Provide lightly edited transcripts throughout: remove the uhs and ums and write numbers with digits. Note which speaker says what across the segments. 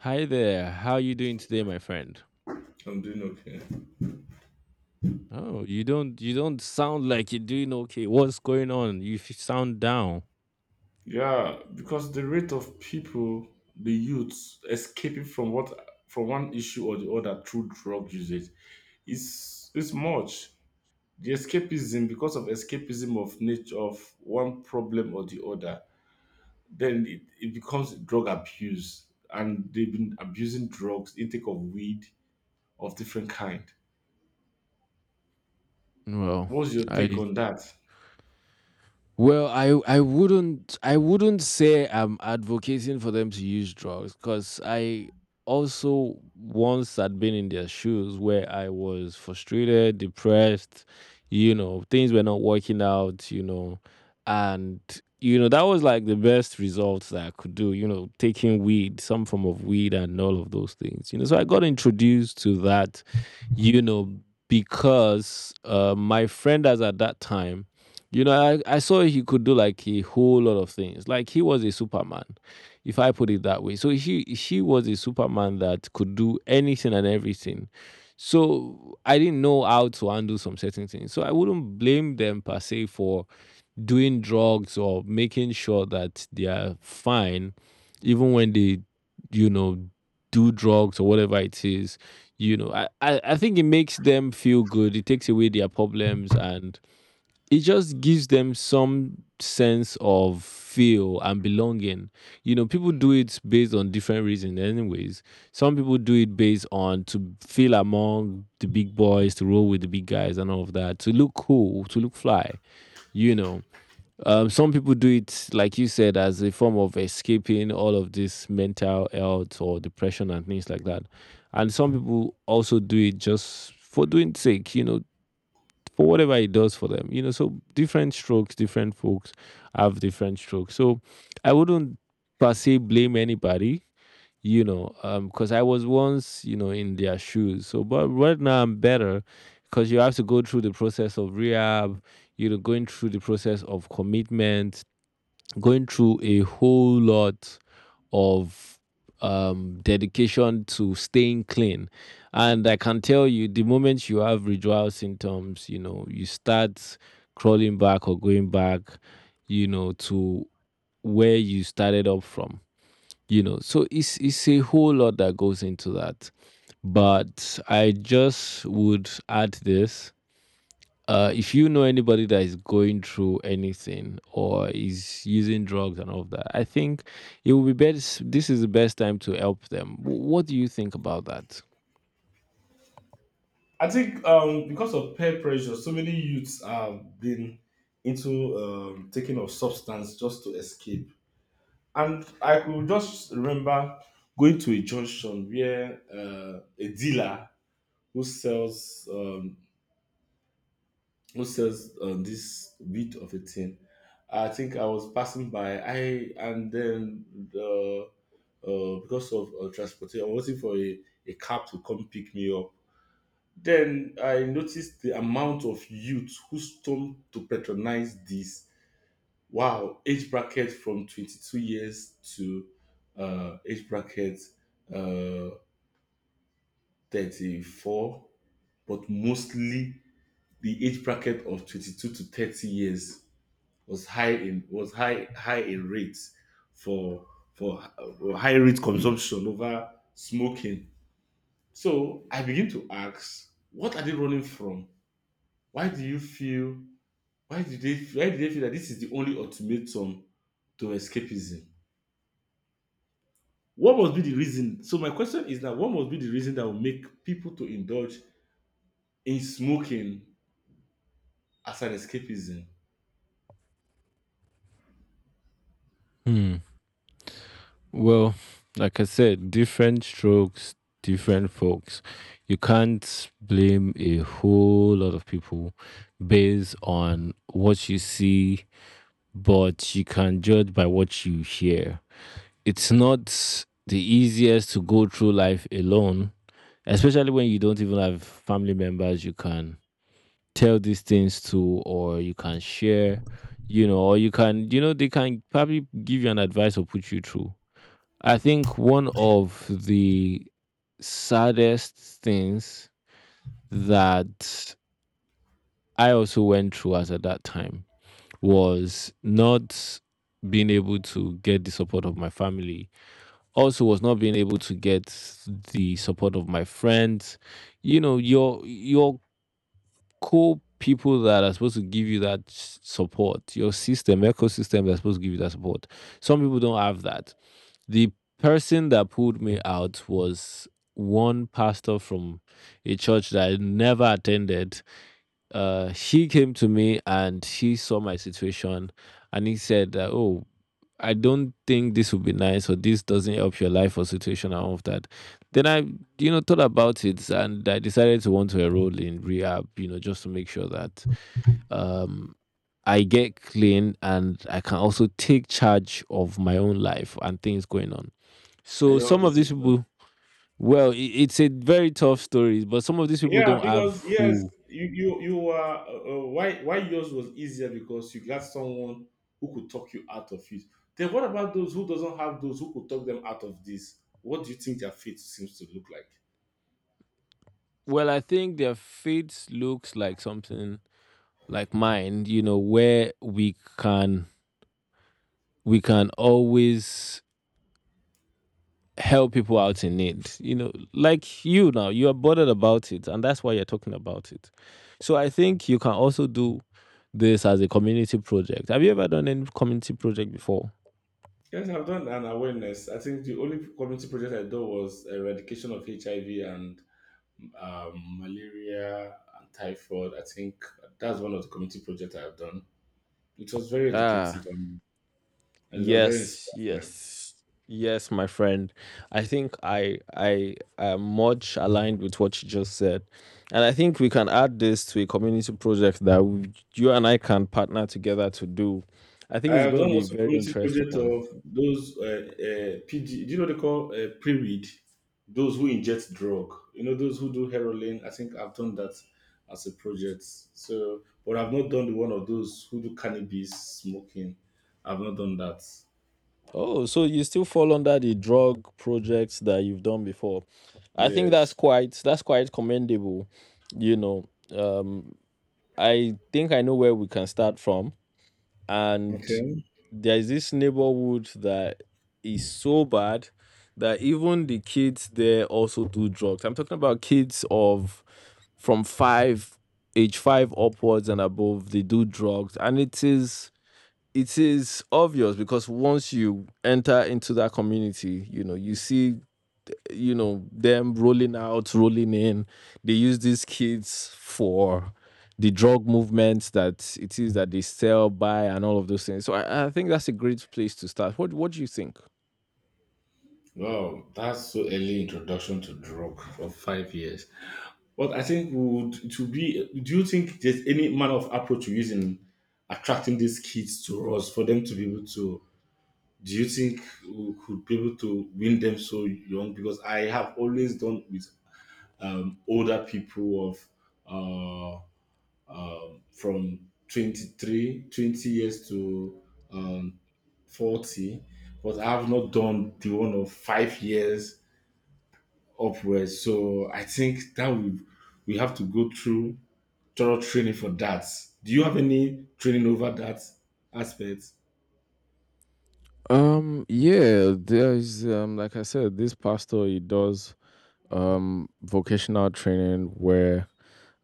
Speaker 1: Hi there. How are you doing today, my friend?
Speaker 2: I'm doing okay.
Speaker 1: Oh, you don't sound like you're doing okay. What's going on? You sound down.
Speaker 2: Yeah, because the rate of people, the youths escaping from what from one issue or the other through drug usage is much. The escapism, because of escapism of nature of one problem or the other, then it becomes drug abuse, and they've been abusing drugs, intake of weed of different kind.
Speaker 1: Well,
Speaker 2: What's your
Speaker 1: I
Speaker 2: take on that?
Speaker 1: Well, I wouldn't say I'm advocating for them to use drugs because I also once had been in their shoes where I was frustrated, depressed, you know, things were not working out, you know, and you know that was like the best results that I could do, you know, taking weed, some form of weed, and all of those things, you know. So I got introduced to that, you know, because my friend as at that time you know, I saw he could do like a whole lot of things. Like he was a Superman, if I put it that way. So he she was a Superman that could do anything and everything. So I didn't know how to handle some certain things. So I wouldn't blame them per se for doing drugs or making sure that they are fine, even when they, you know, do drugs or whatever it is. You know, I think it makes them feel good. It takes away their problems and it just gives them some sense of feel and belonging. You know, people do it based on different reasons, anyways. Some people do it based on to feel among the big boys, to roll with the big guys, and all of that, to look cool, to look fly, you know. Some people do it, like you said, as a form of escaping all of this mental health or depression and things like that. And some people also do it just for doing sake, you know, for whatever it does for them. You know, so different strokes, different folks have different strokes. So I wouldn't per se blame anybody, you know, because I was once, you know, in their shoes. So, but right now I'm better because you have to go through the process of rehab, you know, going through the process of commitment, going through a whole lot of dedication to staying clean. And I can tell you the moment you have withdrawal symptoms, you know, you start crawling back or going back, you know, to where you started up from, you know. So it's a whole lot that goes into that. But I just would add this. If you know anybody that is going through anything or is using drugs and all of that, I think it will be best. This is the best time to help them. What do you think about that?
Speaker 2: I think because of peer pressure, so many youths have been into taking of substance just to escape. And I could just remember going to a junction where a dealer who sells this bit of a thing. I think I was passing by. I and then the because of transportation, I was waiting for a cab to come pick me up. Then I noticed the amount of youth who stormed to patronize this. Wow, age bracket from 22 years to age bracket uh, 34, but mostly the age bracket of 22 to 30 years was high in was high in rates for high rate consumption over smoking. So I begin to ask, what are they running from? Why do you feel why did they feel that this is the only ultimatum to escapism? What must be the reason? So my question is that what must be the reason that will make people to indulge in smoking as an escapism?
Speaker 1: Hmm. Well, like I said, different strokes, different folks. You can't blame a whole lot of people based on what you see, but you can judge by what you hear. It's not the easiest to go through life alone, especially when you don't even have family members you can tell these things to, or you can share, you know, or you can, you know, they can probably give you an advice or put you through. I think one of the saddest things that I also went through as at that time was not being able to get the support of my family, also was not being able to get the support of my friends, you know, your core people that are supposed to give you that support, your system, ecosystem, that's supposed to give you that support. Some people don't have that. The person that pulled me out was one pastor from a church that I never attended. She came to me and she saw my situation, and he said that, oh, I don't think this would be nice or this doesn't help your life or situation and all of that. Then I, you know, thought about it and I decided to want to enroll in rehab, you know, just to make sure that um I get clean and I can also take charge of my own life and things going on.
Speaker 2: And
Speaker 1: So
Speaker 2: your
Speaker 1: some of these
Speaker 2: decision.
Speaker 1: people, well, it's a very tough story, but some of these people
Speaker 2: Yeah,
Speaker 1: don't have
Speaker 2: because yes,
Speaker 1: who.
Speaker 2: you were why yours was easier, because you got someone who could talk you out of it. Then what about those who doesn't have those who could talk them out of this? What do you think their fate seems to look like?
Speaker 1: Well, I think their fate looks like something like mine, you know, where we can always help people out in need. You know, like you now, you are bothered about it, and that's why you're talking about it. So I think you can also do this as a community project. Have you ever done any community project before?
Speaker 2: Yes, I've done an awareness. I think the only community project I did was eradication of HIV and malaria and typhoid. I think that's one of the community projects I've done. It was very
Speaker 1: Ah.
Speaker 2: educative, and it was very
Speaker 1: Yes,
Speaker 2: inspiring.
Speaker 1: yes, yes, my friend. I think I am much aligned with what you just said, and I think we can add this to a community project that we, you and I can partner together to do. I think
Speaker 2: I
Speaker 1: it's
Speaker 2: have
Speaker 1: going to
Speaker 2: done
Speaker 1: be a
Speaker 2: also
Speaker 1: very
Speaker 2: community
Speaker 1: interesting
Speaker 2: project
Speaker 1: one.
Speaker 2: of those PG. Do you know they call pre-read? Those who inject drug. You know, those who do heroin. I think I've done that as a project. So, but I've not done the one of those who do cannabis smoking. I've not done that.
Speaker 1: Oh, so you still fall under the drug projects that you've done before? I think that's
Speaker 2: Yes.
Speaker 1: quite commendable. You know, um, I think I know where we can start from, and
Speaker 2: Okay.
Speaker 1: there's this neighborhood that is so bad that even the kids there also do drugs. I'm talking about kids of from five, age five upwards and above, they do drugs, and it is obvious because once you enter into that community, you know, you see, you know, them rolling out, rolling in. They use these kids for the drug movements that it is that they sell, buy, and all of those things. So I think that's a great place to start. What do you think?
Speaker 2: Wow, that's so early introduction to drug for 5 years. But I think we would to be. Do you think there's any manner of approach you're using attracting these kids to us for them to be able to, do you think we could be able to win them so young? Because I have always done with older people of uh, from 23, 20 years to um, 40, but I have not done the one of 5 years upwards. So I think that we have to go through thorough training for that. Do you have any training over that aspect?
Speaker 1: Yeah, there's like I said, this pastor he does um vocational training where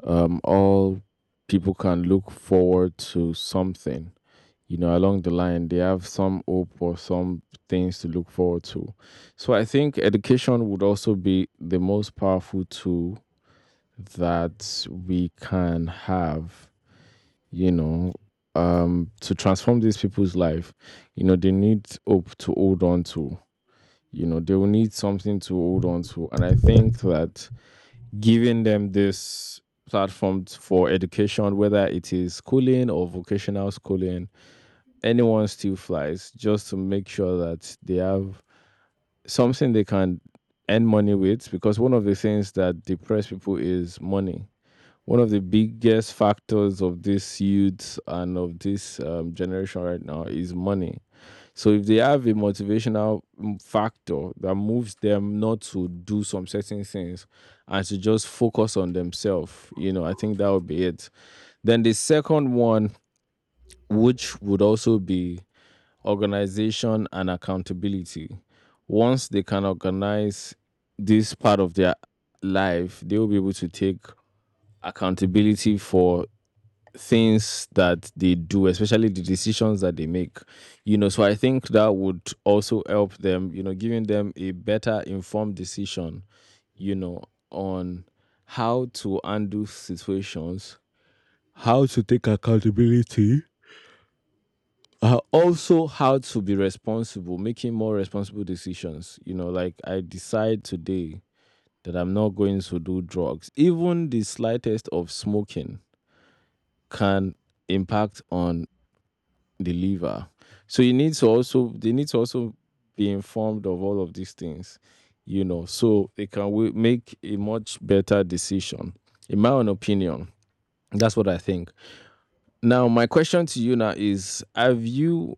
Speaker 1: all people can look forward to something. You know, along the line, they have some hope or some things to look forward to. So I think education would also be the most powerful tool that we can have, you know, to transform these people's life. You know, they need hope to hold on to. You know, they will need something to hold on to. And I think that giving them this platform for education, whether it is schooling or vocational schooling, anyone still flies just to make sure that they have something they can earn money with, because one of the things that depress people is money. One of the biggest factors of this youth and of this generation right now is money. So if they have a motivational factor that moves them not to do some certain things and to just focus on themselves, you know, I think that would be it. Then the second one, which would also be organization and accountability. Once they can organize this part of their life, they will be able to take accountability for things that they do, especially the decisions that they make. You know, so I think that would also help them, you know, giving them a better informed decision, you know, on how to undo situations, how to take accountability, also how to be responsible, making more responsible decisions. You know, like I decide today that I'm not going to do drugs. Even the slightest of smoking can impact on the liver. So you need to also, they need to also be informed of all of these things, you know, so they can make a much better decision. In my own opinion, that's what I think. Now my question to you now is, have you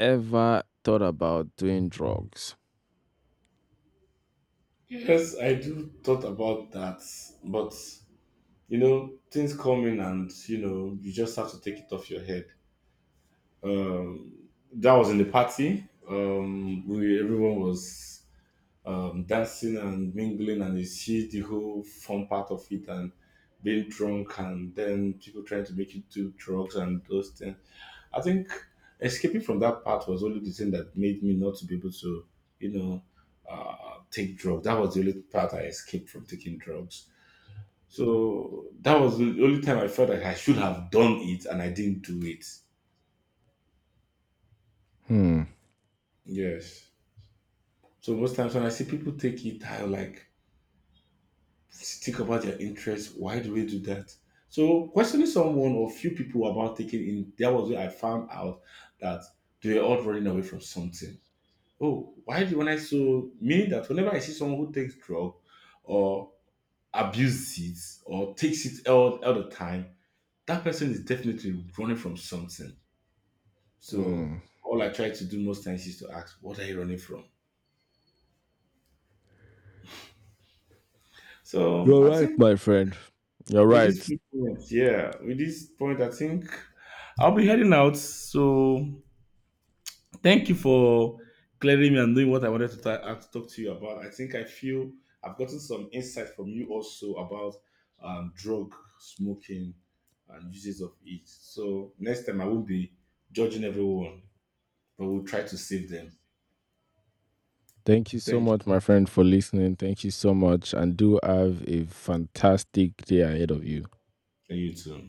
Speaker 1: ever thought about doing drugs?
Speaker 2: Yes, I do thought about that, but you know, things come in and you know, you just have to take it off your head. That was in the party. We, everyone was dancing and mingling, and you see the whole fun part of it and being drunk, and then people trying to make you do drugs and those things. I think escaping from that part was only the thing that made me not to be able to, you know, take drugs. That was the only part I escaped from taking drugs. So that was the only time I felt like I should have done it and I didn't do it.
Speaker 1: Hmm.
Speaker 2: Yes. So most times when I see people take it, I like think about their interest. Why do we do that? So questioning someone or few people about taking in, that was where I found out that they were all running away from something. Oh, why do when I so meaning that whenever I see someone who takes drug or abuses it or takes it all the time, that person is definitely running from something. So
Speaker 1: Hmm.
Speaker 2: all I try to do most times is to ask, what are you running from? So
Speaker 1: You're
Speaker 2: I
Speaker 1: right,
Speaker 2: think
Speaker 1: my friend. You're
Speaker 2: with this
Speaker 1: right.
Speaker 2: few points, yeah, with this point, I think I'll be heading out. So thank you for clearing me and knowing what I wanted to, to talk to you about. I think I feel I've gotten some insight from you also about drug smoking and uses of it. So next time I won't be judging everyone, but we'll try to save them.
Speaker 1: Thank you so
Speaker 2: Thank you.
Speaker 1: much, my friend, for listening. Thank you so much. And do have a fantastic day ahead of you.
Speaker 2: And you too.